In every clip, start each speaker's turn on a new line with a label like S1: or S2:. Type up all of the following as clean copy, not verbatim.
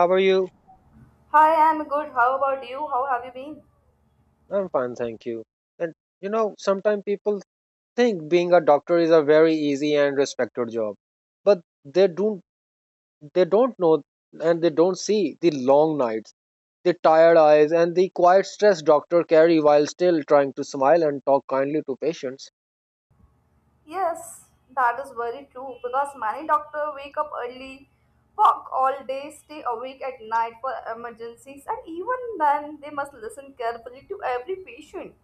S1: How are you?
S2: Hi, I'm good. How about you? How have you been?
S1: I'm fine, thank you. And sometimes people think being a doctor is a very easy and respected job, but they don't know and they don't see the long nights, the tired eyes, and the quiet stress doctor carry while still trying to smile and talk kindly to patients.
S2: Yes, that is very true because many doctors wake up early, work all day, stay awake at night for emergencies, and even then they must listen carefully to every patient.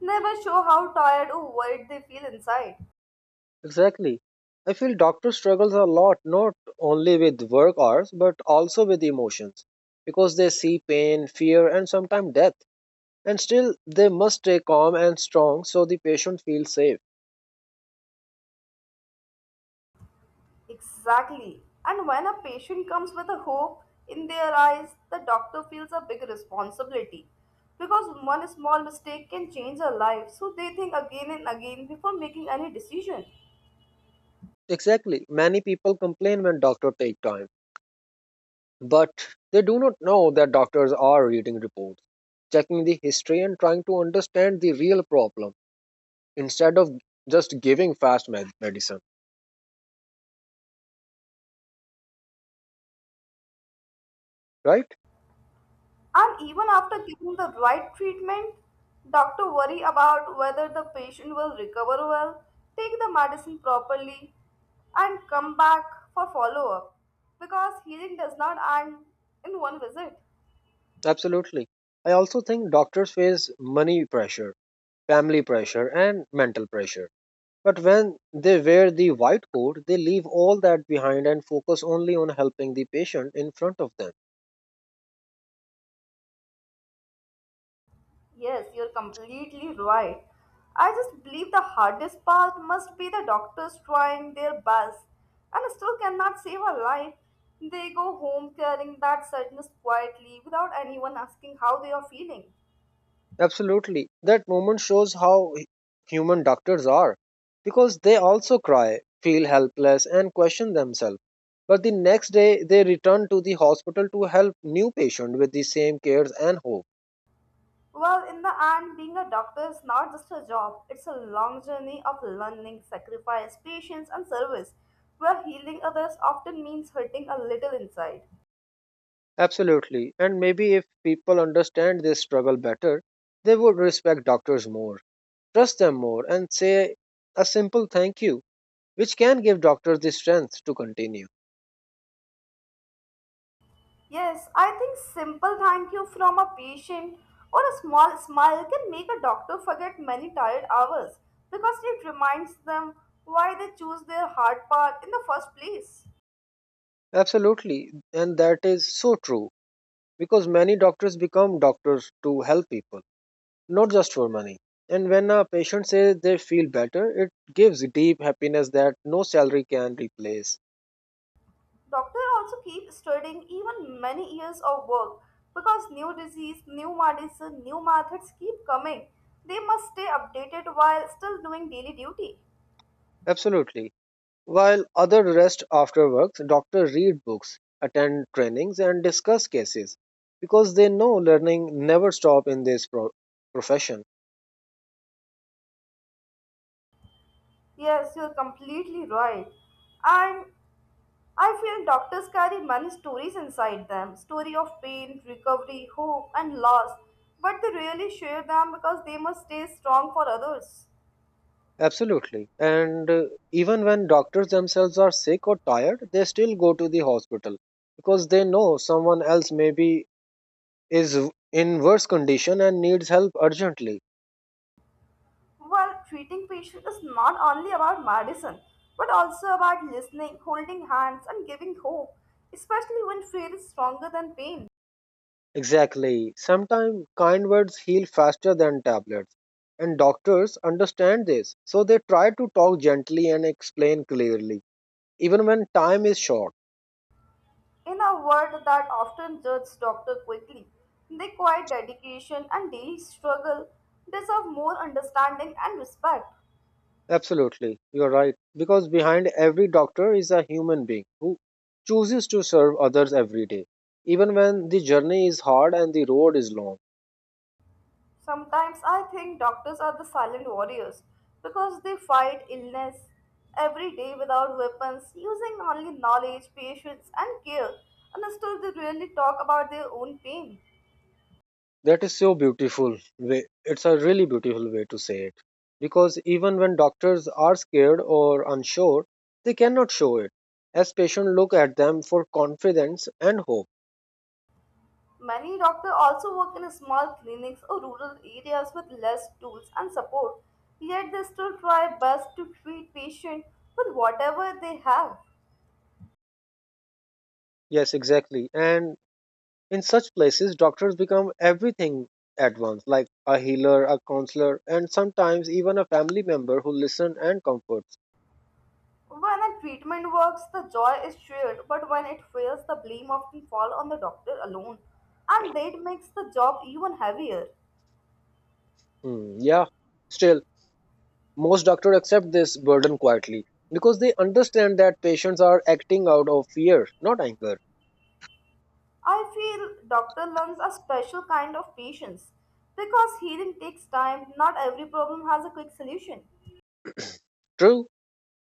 S2: Never show how tired or worried they feel inside.
S1: Exactly. I feel doctor struggles a lot not only with work hours but also with emotions because they see pain, fear, and sometimes death. And still, they must stay calm and strong so the patient feels safe.
S2: Exactly. And when a patient comes with a hope in their eyes, the doctor feels a big responsibility because one small mistake can change a life. So they think again and again before making any decision.
S1: Exactly. Many people complain when doctors take time, but they do not know that doctors are reading reports, checking the history, and trying to understand the real problem instead of just giving fast medicine. Right?
S2: And even after giving the right treatment, doctor worry about whether the patient will recover well, take the medicine properly, and come back for follow up because healing does not end in one visit.
S1: Absolutely. I also think doctors face money pressure, family pressure, and mental pressure. But when they wear the white coat, they leave all that behind and focus only on helping the patient in front of them.
S2: Yes, you're completely right. I just believe the hardest part must be the doctors trying their best and still cannot save a life. They go home carrying that sadness quietly without anyone asking how they are feeling.
S1: Absolutely. That moment shows how human doctors are because they also cry, feel helpless, and question themselves. But the next day, they return to the hospital to help new patient with the same cares and hope.
S2: Well, in the end, being a doctor is not just a job, it's a long journey of learning, sacrifice, patience, and service, where healing others often means hurting a little inside.
S1: Absolutely. And maybe if people understand this struggle better, they would respect doctors more, trust them more, and say a simple thank you, which can give doctors the strength to continue.
S2: Yes, I think simple thank you from a patient or a small smile can make a doctor forget many tired hours because it reminds them why they choose their hard path in the first place.
S1: Absolutely. And that is so true, because many doctors become doctors to help people, not just for money. And when a patient says they feel better, it gives deep happiness that no salary can replace.
S2: Doctor also keep studying even many years of work because new disease, new medicine, new methods keep coming. They must stay updated while still doing daily duty.
S1: Absolutely. While other rest after work, doctors read books, attend trainings, and discuss cases because they know learning never stop in this profession.
S2: Yes, you're completely right. And I feel doctors carry many stories inside them story of pain, recovery, hope, and loss, but they rarely share them because they must stay strong for others.
S1: Absolutely. And even when doctors themselves are sick or tired, they still go to the hospital because they know someone else may be is in worse condition and needs help urgently.
S2: While treating patients is not only about medicine, but also about listening, holding hands, and giving hope, especially when fear is stronger than pain.
S1: Exactly. Sometimes kind words heal faster than tablets, and doctors understand this, so they try to talk gently and explain clearly, even when time is short.
S2: In a world that often judges doctors quickly, their quiet dedication and daily struggle deserve more understanding and respect.
S1: Absolutely, you're right. Because behind every doctor is a human being who chooses to serve others every day, even when the journey is hard and the road is long.
S2: Sometimes I think doctors are the silent warriors because they fight illness every day without weapons, using only knowledge, patience, and care, and still they rarely talk about their own pain.
S1: That is so beautiful way. It's a really beautiful way to say it. Because even when doctors are scared or unsure, they cannot show it, as patients look at them for confidence and hope.
S2: Many doctors also work in small clinics or rural areas with less tools and support, yet they still try best to treat patients with whatever they have.
S1: Yes, exactly. And in such places, doctors become everything at once, like a healer, a counselor, and sometimes even a family member who listens and comforts.
S2: When a treatment works, the joy is shared, but when it fails, the blame often falls on the doctor alone, and that makes the job even heavier.
S1: Hmm, yeah. Still, most doctors accept this burden quietly because they understand that patients are acting out of fear, not anger.
S2: I feel doctor learns a special kind of patience because healing takes time. Not every problem has a quick solution.
S1: True,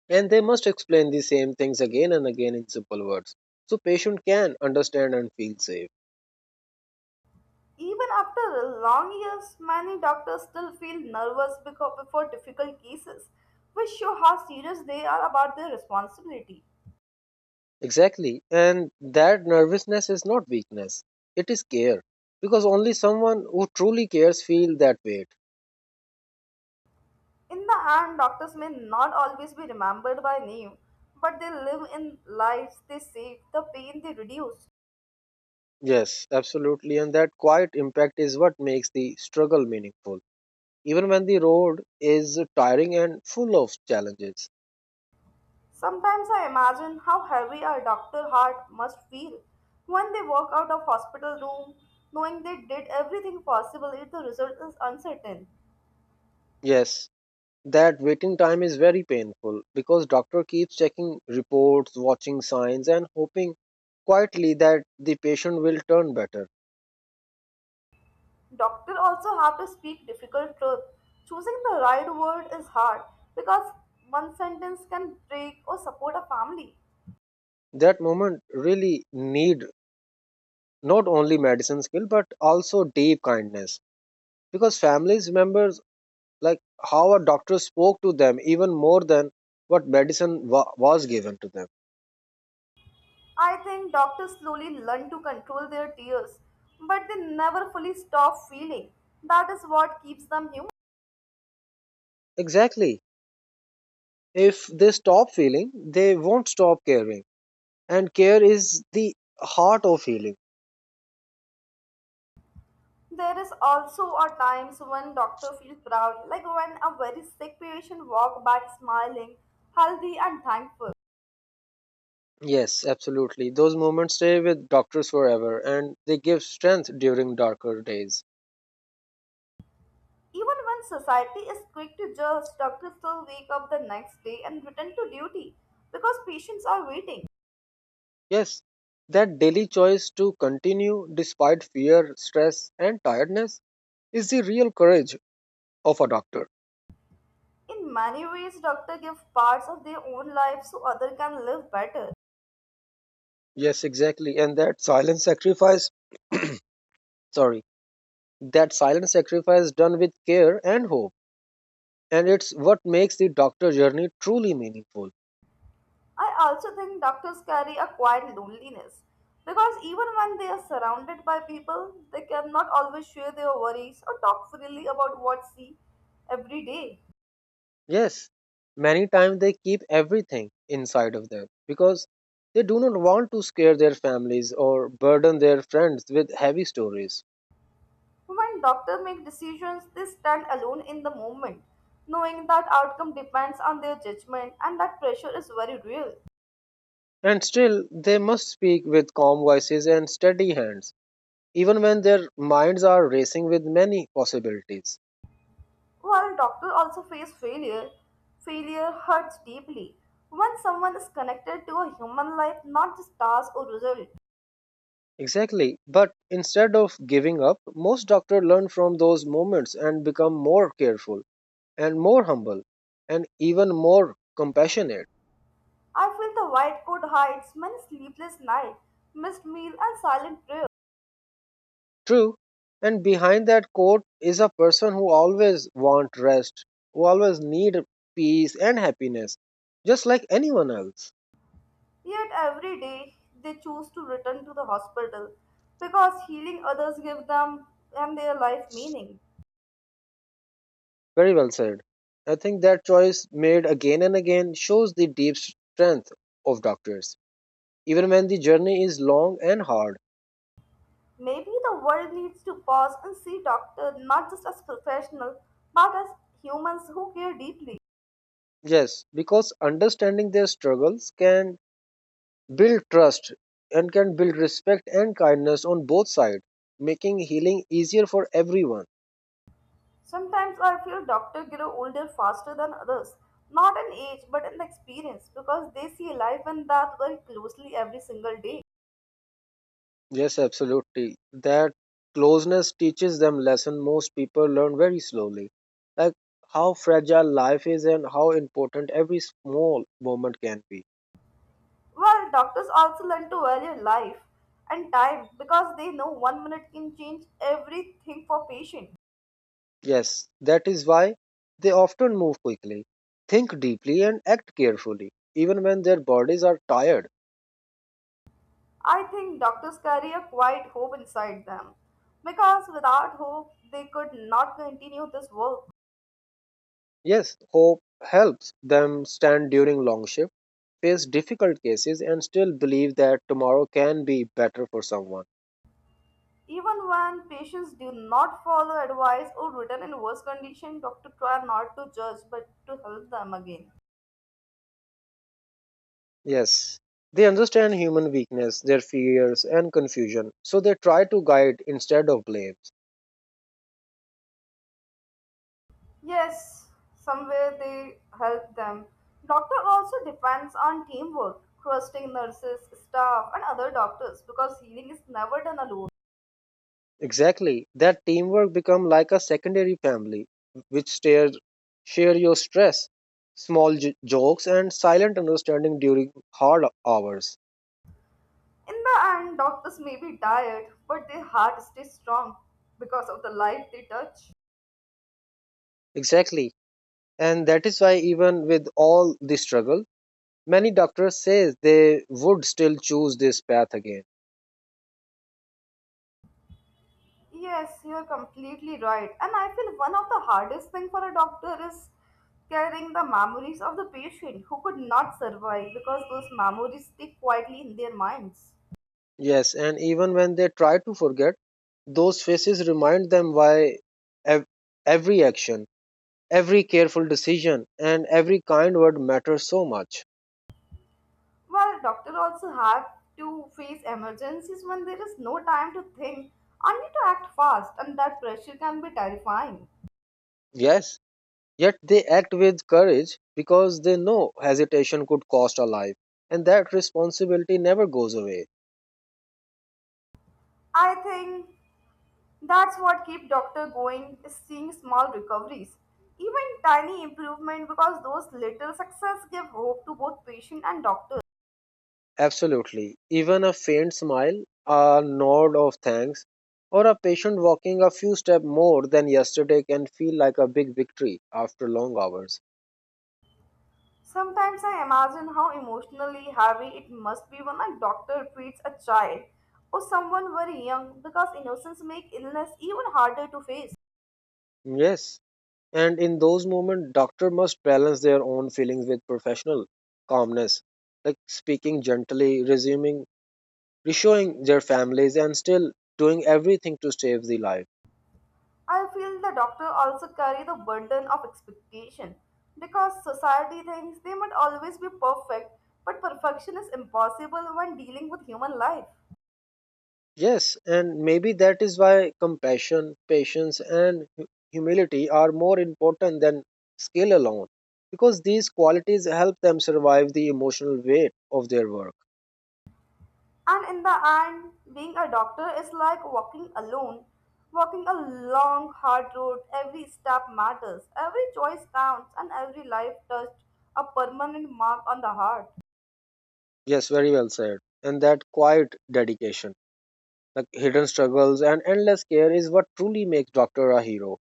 S1: and they must explain the same things again and again in simple words so patient can understand and feel safe.
S2: Even after long years, many doctors still feel nervous because before difficult cases, which show how serious they are about their responsibility.
S1: Exactly, and that nervousness is not weakness. It is care because only someone who truly cares feel that weight.
S2: In the end, doctors may not always be remembered by name, but they live in lives they save, the pain they reduce.
S1: Yes, absolutely, and that quiet impact is what makes the struggle meaningful even when the road is tiring and full of challenges.
S2: Sometimes I imagine how heavy a doctor heart must feel when they walk out of hospital room knowing they did everything possible if the result is uncertain.
S1: Yes, that waiting time is very painful because doctor keeps checking reports, watching signs and hoping quietly that the patient will turn better.
S2: Doctors also have to speak difficult truth. Choosing the right word is hard because one sentence can break or support a family.
S1: That moment really need not only medicine skill but also deep kindness because families remembers like how a doctor spoke to them even more than what medicine was given to them.
S2: I think doctors slowly learn to control their tears, but they never fully stop feeling. That is what keeps them human.
S1: Exactly. If they stop feeling, they won't stop caring and care is the heart of healing.
S2: There is also are times when doctor feel proud, like when a very sick patient walk back smiling, healthy and thankful.
S1: Yes, absolutely. Those moments stay with doctors forever and they give strength during darker days.
S2: Even when society is quick to judge, doctors still wake up the next day and return to duty because patients are waiting.
S1: Yes, that daily choice to continue despite fear, stress, and tiredness is the real courage of a doctor.
S2: In many ways, doctor give parts of their own life so other can live better.
S1: Yes, exactly. And that silent sacrifice, sorry, that silent sacrifice done with care and hope. And it's what makes the doctor journey truly meaningful.
S2: I also think doctors carry a quiet loneliness because even when they are surrounded by people, they cannot always share their worries or talk freely about what see every day.
S1: Yes, many times they keep everything inside of them because they do not want to scare their families or burden their friends with heavy stories.
S2: When doctors make decisions, they stand alone in the moment, knowing that outcome depends on their judgment and that pressure is very real.
S1: And still, they must speak with calm voices and steady hands, even when their minds are racing with many possibilities.
S2: While doctors also face failure, failure hurts deeply when someone is connected to a human life, not just task or result.
S1: Exactly, but instead of giving up, most doctors learn from those moments and become more careful and more humble and even more compassionate.
S2: I feel the white coat hides many sleepless nights, missed meal, and silent prayer.
S1: True, and behind that coat is a person who always want rest, who always need peace and happiness, just like anyone else.
S2: Yet every day they choose to return to the hospital because healing others give them and their life meaning.
S1: Very well said. I think that choice made again and again shows the deep strength of doctors, even when the journey is long and hard.
S2: Maybe the world needs to pause and see doctors not just as professionals but as humans who care deeply.
S1: Yes, because understanding their struggles can build trust and can build respect and kindness on both sides, making healing easier for everyone.
S2: Sometimes I feel doctors grow older faster than others, not in age but in experience because they see life and death very closely every single day.
S1: Yes, absolutely. That closeness teaches them lesson most people learn very slowly. Like how fragile life is and how important every small moment can be.
S2: Well, doctors also learn to value life and time because they know one minute can change everything for patient.
S1: Yes, that is why they often move quickly, think deeply and act carefully, even when their bodies are tired.
S2: I think doctors carry a quiet hope inside them because without hope they could not continue this work.
S1: Yes, hope helps them stand during long shift, face difficult cases and still believe that tomorrow can be better for someone.
S2: Even when patients do not follow advice or return in worse condition, doctors try not to judge but to help them again.
S1: Yes, they understand human weakness, their fears, and confusion, so they try to guide instead of blame.
S2: Yes, somewhere they help them. Doctor also depends on teamwork, trusting nurses, staff, and other doctors because healing is never done alone.
S1: Exactly, that teamwork become like a secondary family, which share your stress, small jokes, and silent understanding during hard hours.
S2: In the end, doctors may be tired, but their heart stays strong because of the life they touch.
S1: Exactly, and that is why even with all the struggle, many doctors say they would still choose this path again.
S2: Yes, you are completely right. And I feel one of the hardest thing for a doctor is carrying the memories of the patient who could not survive because those memories stay quietly in their minds.
S1: Yes, and even when they try to forget, those faces remind them why ev- every action, every careful decision, and every kind word matters so much.
S2: Well, doctors also have to face emergencies when there is no time to think, only to act fast, and that pressure can be terrifying.
S1: Yes, yet they act with courage because they know hesitation could cost a life, and that responsibility never goes away.
S2: I think that's what keep doctor going is seeing small recoveries, even tiny improvement because those little success give hope to both patient and doctor.
S1: Absolutely. Even a faint smile, a nod of thanks, or a patient walking a few steps more than yesterday can feel like a big victory after long hours.
S2: Sometimes I imagine how emotionally heavy it must be when a doctor treats a child or someone very young because innocence make illness even harder to face.
S1: Yes, and in those moments, doctor must balance their own feelings with professional calmness, like speaking gently, resuming, reassuring their families, and still doing everything to save the life.
S2: I feel the doctor also carry the burden of expectation because society thinks they must always be perfect, but perfection is impossible when dealing with human life.
S1: Yes, and maybe that is why compassion, patience, and humility are more important than skill alone, because these qualities help them survive the emotional weight of their work.
S2: And in the end, being a doctor is like walking alone, walking a long, hard road. Every step matters, every choice counts, and every life touched a permanent mark on the heart.
S1: Yes, very well said. And that quiet dedication, the hidden struggles and endless care is what truly makes doctor a hero,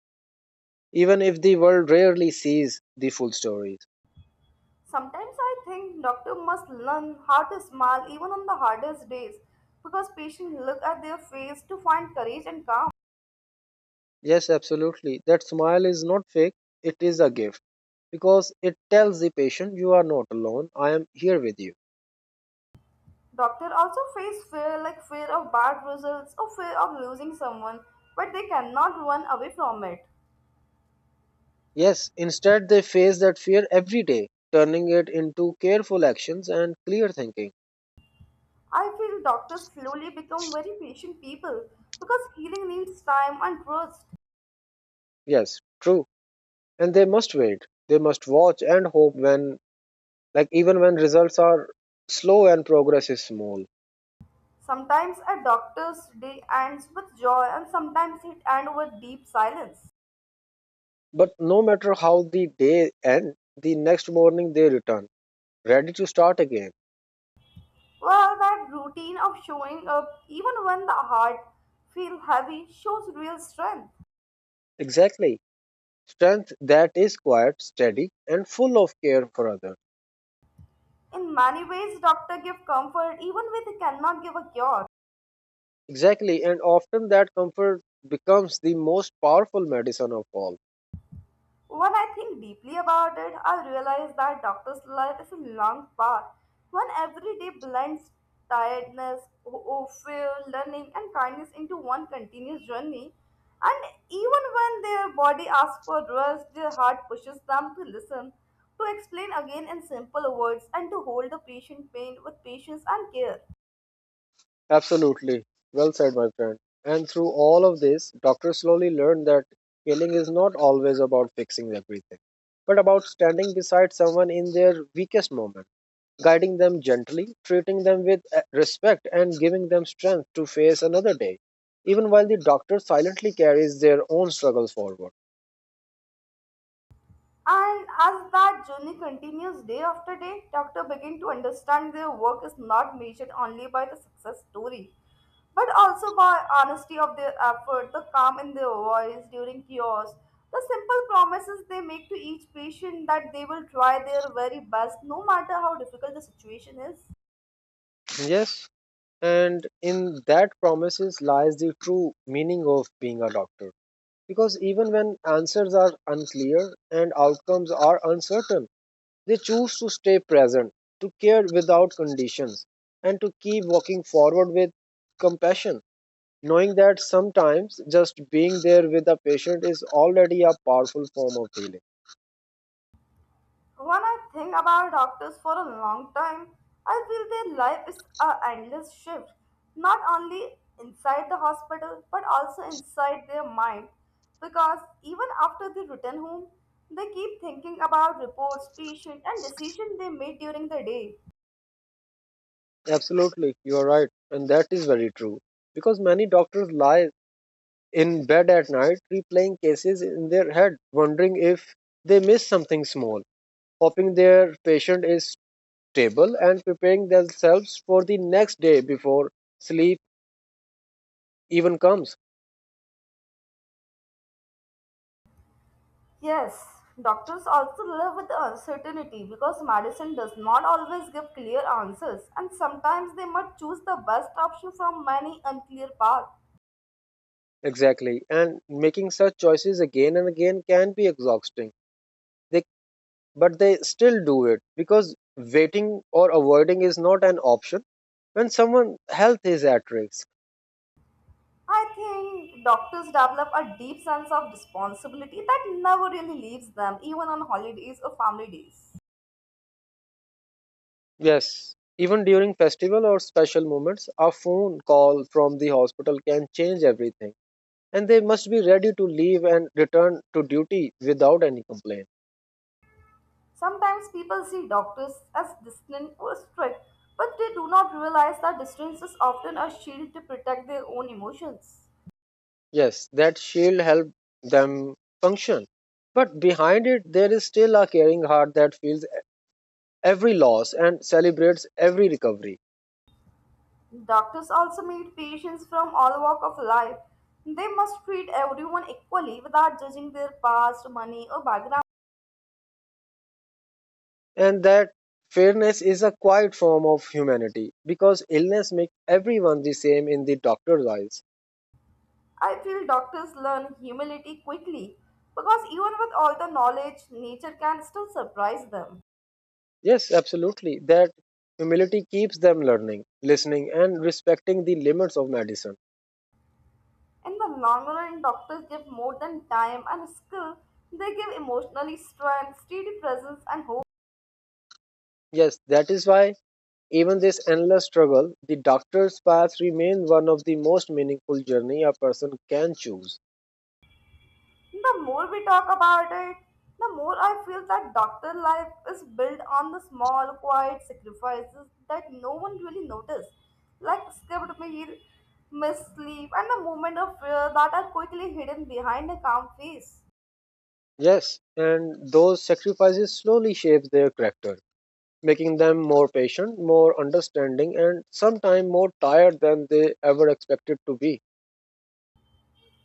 S1: even if the world rarely sees the full stories.
S2: Sometimes I think doctor must learn how to smile even on the hardest days because patients look at their face to find courage and calm.
S1: Yes, absolutely. That smile is not fake, it is a gift because it tells the patient, you are not alone, I am here with you.
S2: Doctor also face fear like fear of bad results or fear of losing someone, but they cannot run away from it.
S1: Yes, instead, they face that fear every day, turning it into careful actions and clear thinking.
S2: I feel doctors slowly become very patient people because healing needs time and trust.
S1: Yes, true. And they must wait, they must watch and hope when, like, even when results are slow and progress is small.
S2: Sometimes a doctor's day ends with joy and sometimes it ends with deep silence.
S1: But no matter how the day ends, the next morning they return, ready to start again.
S2: Well, that routine of showing up even when the heart feels heavy shows real strength.
S1: Exactly. Strength that is quiet, steady, and full of care for others.
S2: In many ways, doctor give comfort even when they cannot give a cure.
S1: Exactly. And often that comfort becomes the most powerful medicine of all.
S2: When I think deeply about it, I realize that doctor's life is a long path. One every day blends tiredness, fear, learning, and kindness into one continuous journey. And even when their body asks for rest, their heart pushes them to listen, to explain again in simple words, and to hold the patient pain with patience and care.
S1: Absolutely. Well said, my friend. And through all of this, doctors slowly learn that healing is not always about fixing everything, but about standing beside someone in their weakest moment, guiding them gently, treating them with respect, and giving them strength to face another day, even while the doctor silently carries their own struggle forward.
S2: And as that journey continues day after day, doctors begin to understand their work is not measured only by the success story, but also by honesty of their effort, the calm in their voice during cures, the simple promises they make to each patient that they will try their very best no matter how difficult the situation is.
S1: Yes, and in that promises lies the true meaning of being a doctor. Because even when answers are unclear and outcomes are uncertain, they choose to stay present, to care without conditions, and to keep walking forward with compassion, knowing that sometimes just being there with a patient is already a powerful form of healing.
S2: When I think about doctors for a long time, I feel their life is a endless shift, not only inside the hospital but also inside their mind. Because even after they return home, they keep thinking about reports, patients, and decisions they made during the day.
S1: Absolutely, you are right and that is very true, because many doctors lie in bed at night replaying cases in their head, wondering if they miss something small, hoping their patient is stable and preparing themselves for the next day before sleep even comes.
S2: Yes, doctors also live with the uncertainty because medicine does not always give clear answers, and sometimes they must choose the best option from many unclear paths.
S1: Exactly, and making such choices again and again can be exhausting. They But they still do it because waiting or avoiding is not an option when someone's health is at risk.
S2: I think doctors develop a deep sense of responsibility that never really leaves them, even on holidays or family days.
S1: Yes, even during festival or special moments, a phone call from the hospital can change everything, and they must be ready to leave and return to duty without any complaint.
S2: Sometimes people see doctors as distant or strict, but they do not realize that distance is often a shield to protect their own emotions.
S1: Yes, that shield help them function. But behind it, there is still a caring heart that feels every loss and celebrates every recovery.
S2: Doctors also meet patients from all walk of life. They must treat everyone equally without judging their past, money, or background.
S1: And that fairness is a quiet form of humanity because illness makes everyone the same in the doctor's eyes.
S2: I feel doctors learn humility quickly because even with all the knowledge, nature can still surprise them.
S1: Yes, absolutely. That humility keeps them learning, listening, and respecting the limits of medicine.
S2: In the long run, doctors give more than time and skill, they give emotionally strength, steady presence, and hope.
S1: Yes, that is why, even this endless struggle, the doctor's path remains one of the most meaningful journey a person can choose.
S2: The more we talk about it, the more I feel that doctor life is built on the small, quiet sacrifices that no one really notices, like skipped meal, missed sleep, and the moment of fear that are quickly hidden behind a calm face.
S1: Yes, and those sacrifices slowly shape their character, making them more patient, more understanding, and sometimes more tired than they ever expected to be.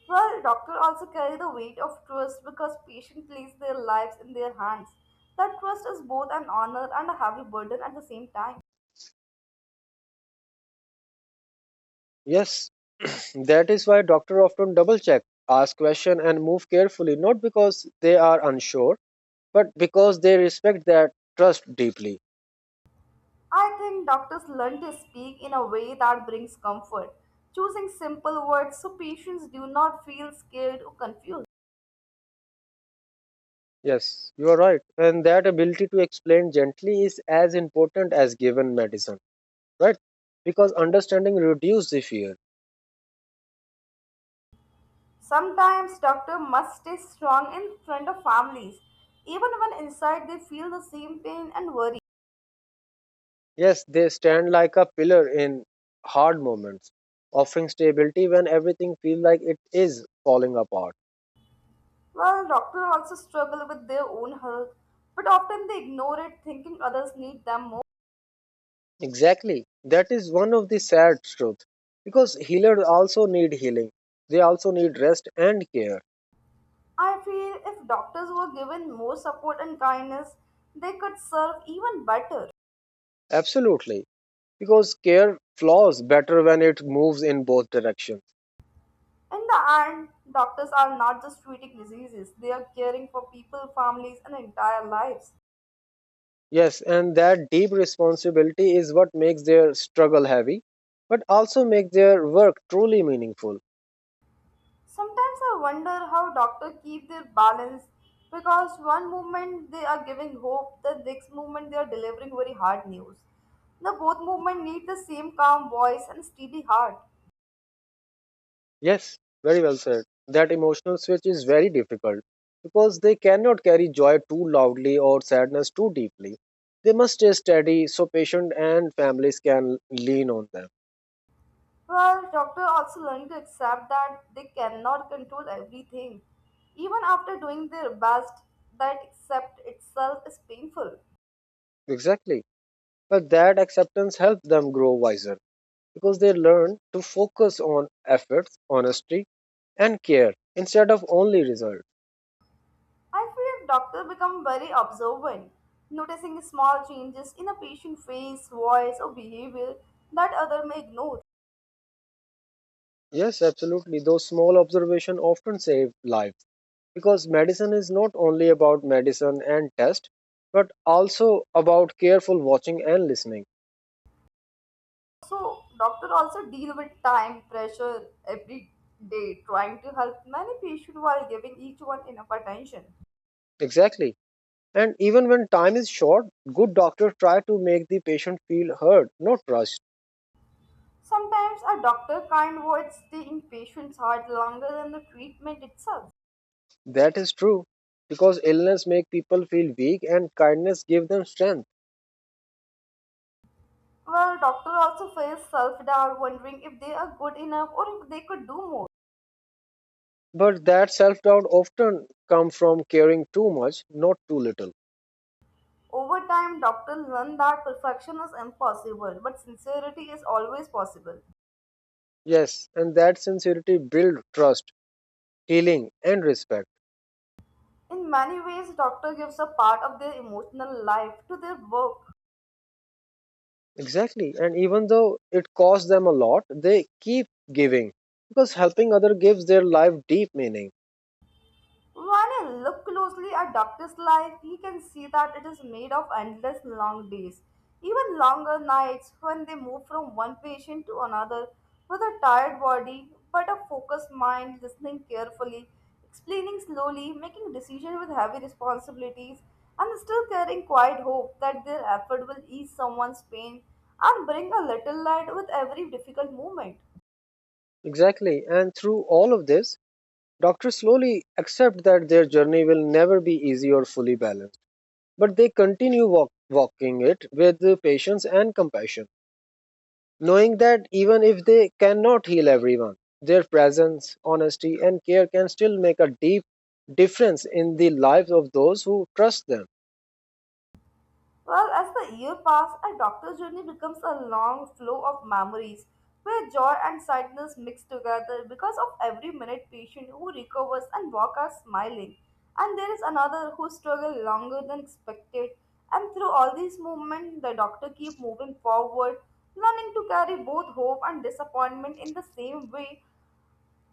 S2: Well, doctors also carry the weight of trust because patients place their lives in their hands. That trust is both an honor and a heavy burden at the same time.
S1: Yes, that is why doctors often double check, ask questions, and move carefully, not because they are unsure, but because they respect that trust deeply.
S2: I think doctors learn to speak in a way that brings comfort, choosing simple words so patients do not feel scared or confused.
S1: Yes, you are right. And that ability to explain gently is as important as given medicine, right? Because understanding reduces the fear.
S2: Sometimes doctors must stay strong in front of families, even when inside they feel the same pain and worry.
S1: Yes, they stand like a pillar in hard moments, offering stability when everything feels like it is falling apart.
S2: Well, doctors also struggle with their own health, but often they ignore it thinking others need them more.
S1: Exactly. That is one of the sad truths. Because healers also need healing. They also need rest and care.
S2: I feel if doctors were given more support and kindness, they could serve even better.
S1: Absolutely. Because care flows better when it moves in both directions.
S2: In the end, doctors are not just treating diseases, they are caring for people, families, and entire lives.
S1: Yes, and that deep responsibility is what makes their struggle heavy, but also makes their work truly meaningful.
S2: Sometimes I wonder how doctors keep their balance because one moment they are giving hope, the next moment they are delivering very hard news. The both movement need the same calm voice and steady heart.
S1: Yes, very well said. That emotional switch is very difficult because they cannot carry joy too loudly or sadness too deeply. They must stay steady so patient and families can lean on them.
S2: Well, doctors also learn to accept that they cannot control everything. Even after doing their best, that accept itself is painful.
S1: Exactly. But that acceptance helps them grow wiser because they learn to focus on efforts, honesty, and care instead of only results.
S2: I feel doctors become very observant, noticing small changes in a patient's face, voice, or behavior that other may ignore.
S1: Yes, absolutely. Those small observations often save lives, because medicine is not only about medicine and test but also about careful watching and listening.
S2: So, doctors also deal with time pressure every day, trying to help many patients while giving each one enough attention.
S1: Exactly, and even when time is short, good doctors try to make the patient feel heard, not rushed.
S2: Sometimes a doctor can't avoid staying patient's heart longer than the treatment itself.
S1: That is true, because illness makes people feel weak and kindness gives them strength.
S2: Well, doctor also face self-doubt, wondering if they are good enough or if they could do more.
S1: But that self-doubt often comes from caring too much, not too little.
S2: Over time, doctors learn that perfection is impossible, but sincerity is always possible.
S1: Yes, and that sincerity builds trust, healing and respect.
S2: In many ways, doctor gives a part of their emotional life to their work.
S1: Exactly. And even though it costs them a lot, they keep giving because helping other gives their life deep meaning.
S2: When I look closely at Doctor's life, he can see that it is made of endless long days, even longer nights when they move from one patient to another with a tired body but a focused mind, listening carefully, explaining slowly, making decisions with heavy responsibilities, and still carrying quiet hope that their effort will ease someone's pain and bring a little light with every difficult moment.
S1: Exactly. And through all of this, doctors slowly accept that their journey will never be easy or fully balanced. But they continue walking it with the patience and compassion, knowing that even if they cannot heal everyone, their presence, honesty, and care can still make a deep difference in the lives of those who trust them.
S2: Well, as the year passes, a doctor's journey becomes a long flow of memories where joy and sadness mix together because of every minute patient who recovers and walk are smiling. And there is another who struggle longer than expected. And through all these movements, the doctor keep moving forward, learning to carry both hope and disappointment in the same way,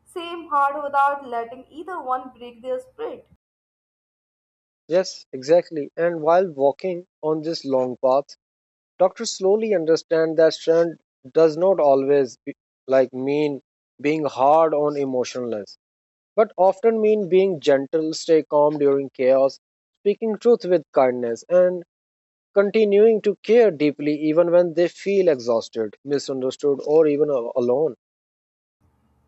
S2: same heart without letting either one break their spirit.
S1: Yes, exactly. And while walking on this long path, doctors slowly understand that strength does not always be, like, mean being hard on emotionless, but often mean being gentle, stay calm during chaos, speaking truth with kindness, and continuing to care deeply even when they feel exhausted, misunderstood, or even alone.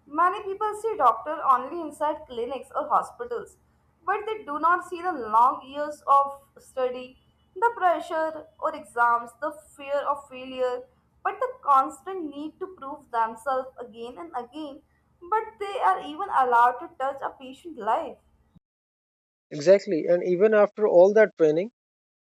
S2: Many people see doctor only inside clinics or hospitals, but they do not see the long years of study, the pressure or exams, the fear of failure, but the constant need to prove themselves again and again. But they are even allowed to touch a patient life.
S1: Exactly. And even after all that training,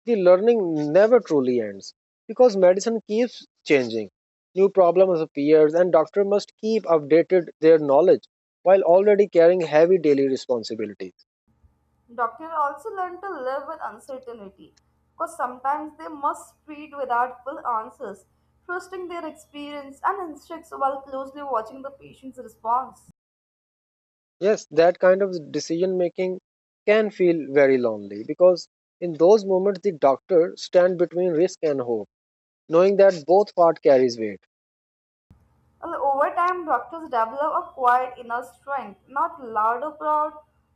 S1: the learning never truly ends because medicine keeps changing. New problems appears and doctors must keep updated their knowledge while already carrying heavy daily responsibilities.
S2: Doctors also learn to live with uncertainty, because sometimes they must treat without full answers, trusting their experience and instincts while closely watching the patient's response.
S1: Yes, that kind of decision making can feel very lonely because in those moments the doctor stand between risk and hope, knowing that both part carries weight.
S2: Well, over time, doctors develop a quiet inner strength, not loud or proud,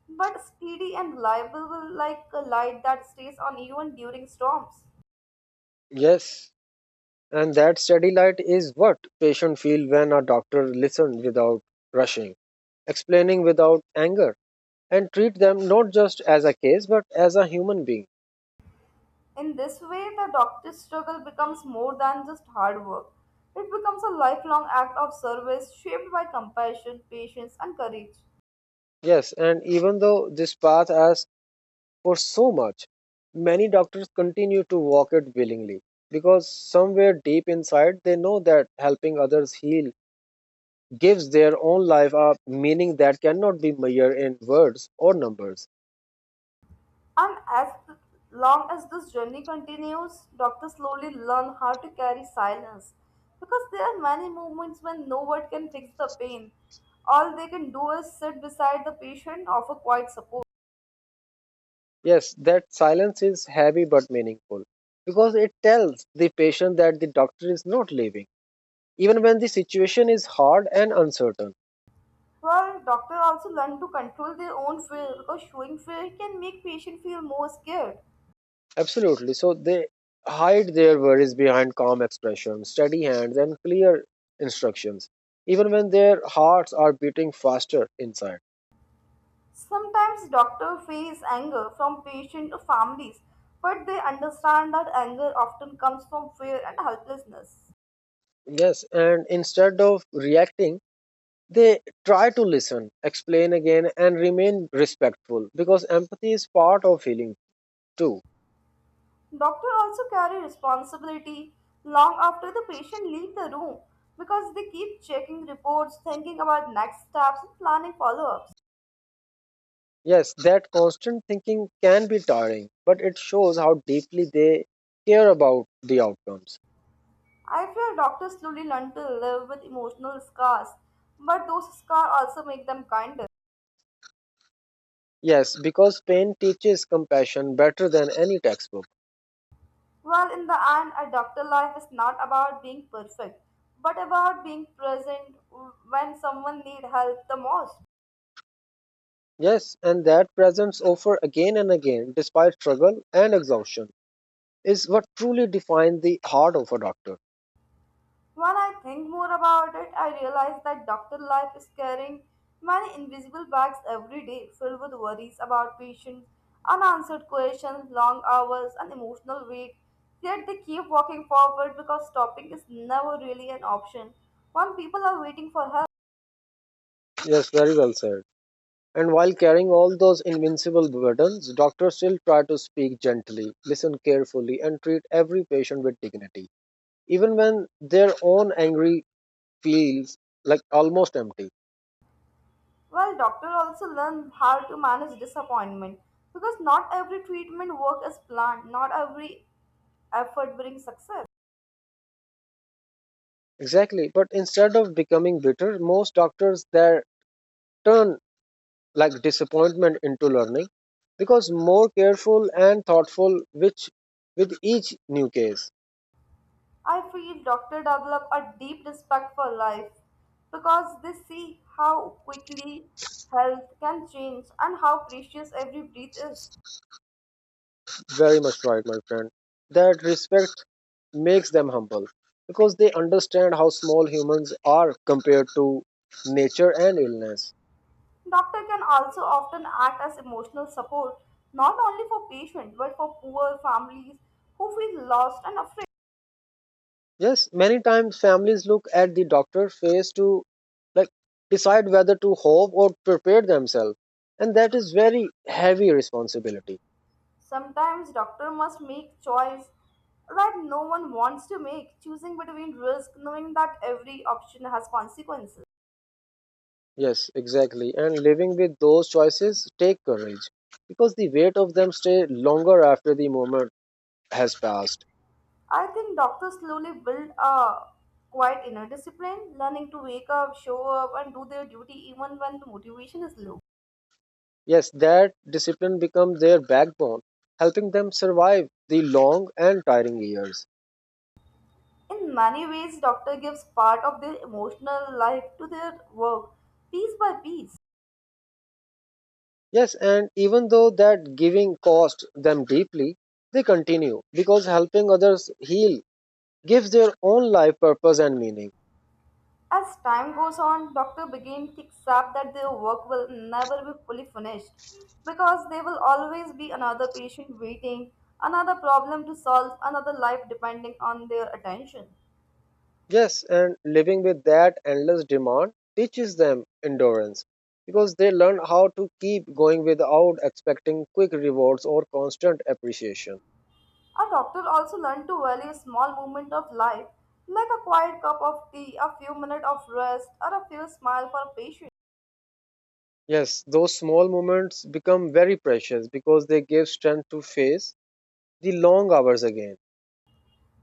S2: but steady and reliable, like a light that stays on even during storms.
S1: Yes, and that steady light is what patient feel when a doctor listen without rushing, explaining without anger and treat them not just as a case but as a human being.
S2: In this way, the doctor's struggle becomes more than just hard work. It becomes a lifelong act of service shaped by compassion, patience, and courage.
S1: Yes, and even though this path asks for so much, many doctors continue to walk it willingly because somewhere deep inside they know that helping others heal gives their own life a meaning that cannot be measured in words or numbers.
S2: And as long as this journey continues, doctors slowly learn how to carry silence because there are many moments when no word can fix the pain. All they can do is sit beside the patient, offer quiet support.
S1: Yes, that silence is heavy but meaningful because it tells the patient that the doctor is not leaving, even when the situation is hard and uncertain.
S2: Well, doctors also learn to control their own fear because showing fear can make patient feel more scared.
S1: Absolutely. So they hide their worries behind calm expressions, steady hands, and clear instructions, even when their hearts are beating faster inside.
S2: Sometimes doctors face anger from patient or families, but they understand that anger often comes from fear and helplessness.
S1: Yes, and instead of reacting, they try to listen, explain again, and remain respectful because empathy is part of healing too.
S2: Doctors also carry responsibility long after the patient leave the room because they keep checking reports, thinking about next steps, and planning follow-ups.
S1: Yes, that constant thinking can be tiring, but it shows how deeply they care about the outcomes.
S2: I fear doctors slowly learn to live with emotional scars, but those scars also make them kinder.
S1: Yes, because pain teaches compassion better than any textbook.
S2: Well, in the end, a doctor life is not about being perfect, but about being present when someone needs help the most.
S1: Yes, and that presence offered again and again, despite struggle and exhaustion, is what truly defines the heart of a doctor.
S2: When I think more about it, I realize that doctor life is carrying many invisible bags every day filled with worries about patients, unanswered questions, long hours, and emotional weight. Yet they keep walking forward because stopping is never really an option when people are waiting for help.
S1: Yes, very well said. And while carrying all those invincible burdens, doctors still try to speak gently, listen carefully, and treat every patient with dignity, even when their own angry feels like almost empty.
S2: Well, doctor also learn how to manage disappointment because not every treatment work is planned, not every effort brings success.
S1: Exactly, but instead of becoming bitter, most doctors there turn like disappointment into learning because more careful and thoughtful which with each new case.
S2: I feel doctors develop a deep respect for life because they see how quickly health can change and how precious every breath is.
S1: Very much right, my friend. That respect makes them humble because they understand how small humans are compared to nature and illness.
S2: Doctor can also often act as emotional support not only for patients but for poor families who feel lost and afraid.
S1: Yes, many times families look at the doctor face to, like, decide whether to hope or prepare themselves, and that is very heavy responsibility.
S2: Sometimes doctor must make choice that no one wants to make, choosing between risk knowing that every option has consequences.
S1: Yes, exactly. And living with those choices take courage because the weight of them stay longer after the moment has passed.
S2: I think doctors slowly build a quite inner discipline, learning to wake up, show up, and do their duty even when the motivation is low.
S1: Yes, that discipline becomes their backbone, helping them survive the long and tiring years.
S2: In many ways, doctor gives part of their emotional life to their work, piece by piece.
S1: Yes, and even though that giving cost them deeply, they continue because helping others heal gives their own life purpose and meaning.
S2: As time goes on, doctor begin to accept that their work will never be fully finished because there will always be another patient waiting, another problem to solve, another life depending on their attention.
S1: Yes, and living with that endless demand teaches them endurance because they learn how to keep going without expecting quick rewards or constant appreciation.
S2: A doctor also learned to value a small moment of life, like a quiet cup of tea, a few minutes of rest, or a few smile for a patient.
S1: Yes, those small moments become very precious because they give strength to face the long hours again.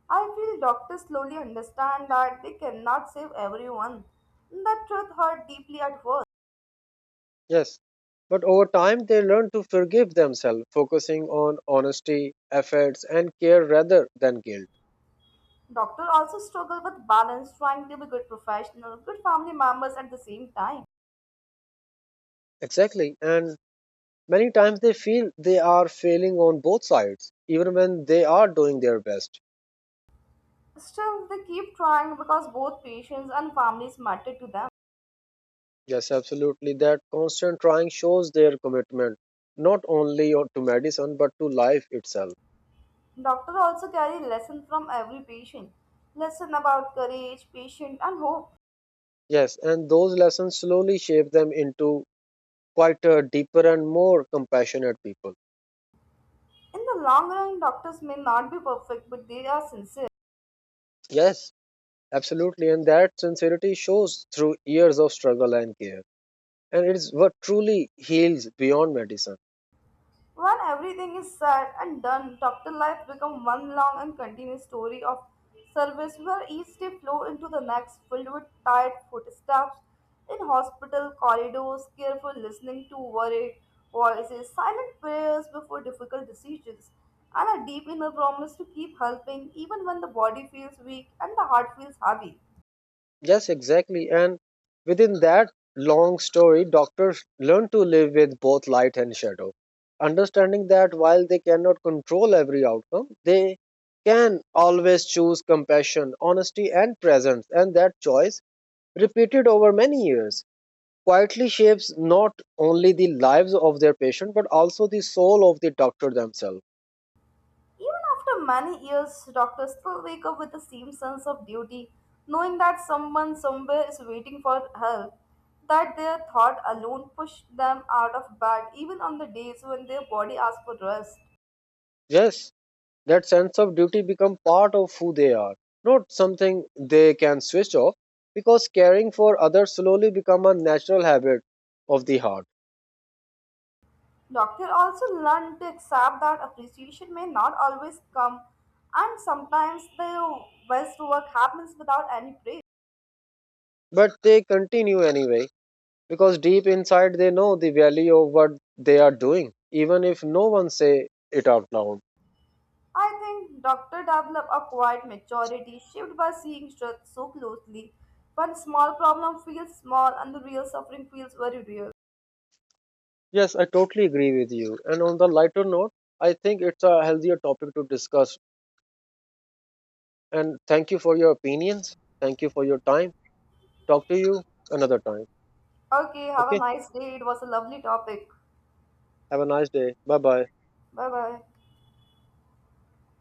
S2: I feel doctors slowly understand that they cannot save everyone. That truth hurt deeply at first.
S1: Yes, but over time they learn to forgive themselves, focusing on honesty, efforts, and care rather than guilt.
S2: Doctors also struggle with balance, trying to be good professional, good family members at the same time.
S1: Exactly, and many times they feel they are failing on both sides, even when they are doing their best.
S2: Still, they keep trying because both patients and families matter to them.
S1: Yes, absolutely. That constant trying shows their commitment, not only to medicine, but to life itself.
S2: Doctors also carry lesson from every patient, lesson about courage, patience, and hope.
S1: Yes, and those lessons slowly shape them into quite a deeper and more compassionate people.
S2: In the long run, doctors may not be perfect, but they are sincere.
S1: Yes, absolutely. And that sincerity shows through years of struggle and care. And it is what truly heals beyond medicine.
S2: When everything is said and done, doctor life becomes one long and continuous story of service where each day flows into the next, filled with tired footsteps in hospital corridors, careful listening to worried voices, silent prayers before difficult decisions, and a deep inner promise to keep helping even when the body feels weak and the heart feels heavy.
S1: Yes, exactly. And within that long story, doctors learn to live with both light and shadow, understanding that while they cannot control every outcome, they can always choose compassion, honesty, and presence. And that choice, repeated over many years, quietly shapes not only the lives of their patient but also the soul of the doctor themselves.
S2: Even after many years, doctors still wake up with the same sense of duty, knowing that someone somewhere is waiting for help, that their thought alone pushed them out of bed, even on the days when their body asks for rest.
S1: Yes. That sense of duty become part of who they are, not something they can switch off because caring for others slowly become a natural habit of the heart.
S2: Doctors also learn to accept that appreciation may not always come, and sometimes their best work happens without any praise.
S1: But they continue anyway because deep inside they know the value of what they are doing even if no one say it out loud.
S2: I think doctors develop a quiet maturity shaped by seeing truth so closely. One small problem feels small and the real suffering feels very real.
S1: Yes, I totally agree with you. And on the lighter note, I think it's a healthier topic to discuss. And thank you for your opinions. Thank you for your time. Talk to you another time.
S2: Okay, have a
S1: Okay?
S2: nice day. It was a lovely topic.
S1: Have a nice day. Bye bye.
S2: Bye bye.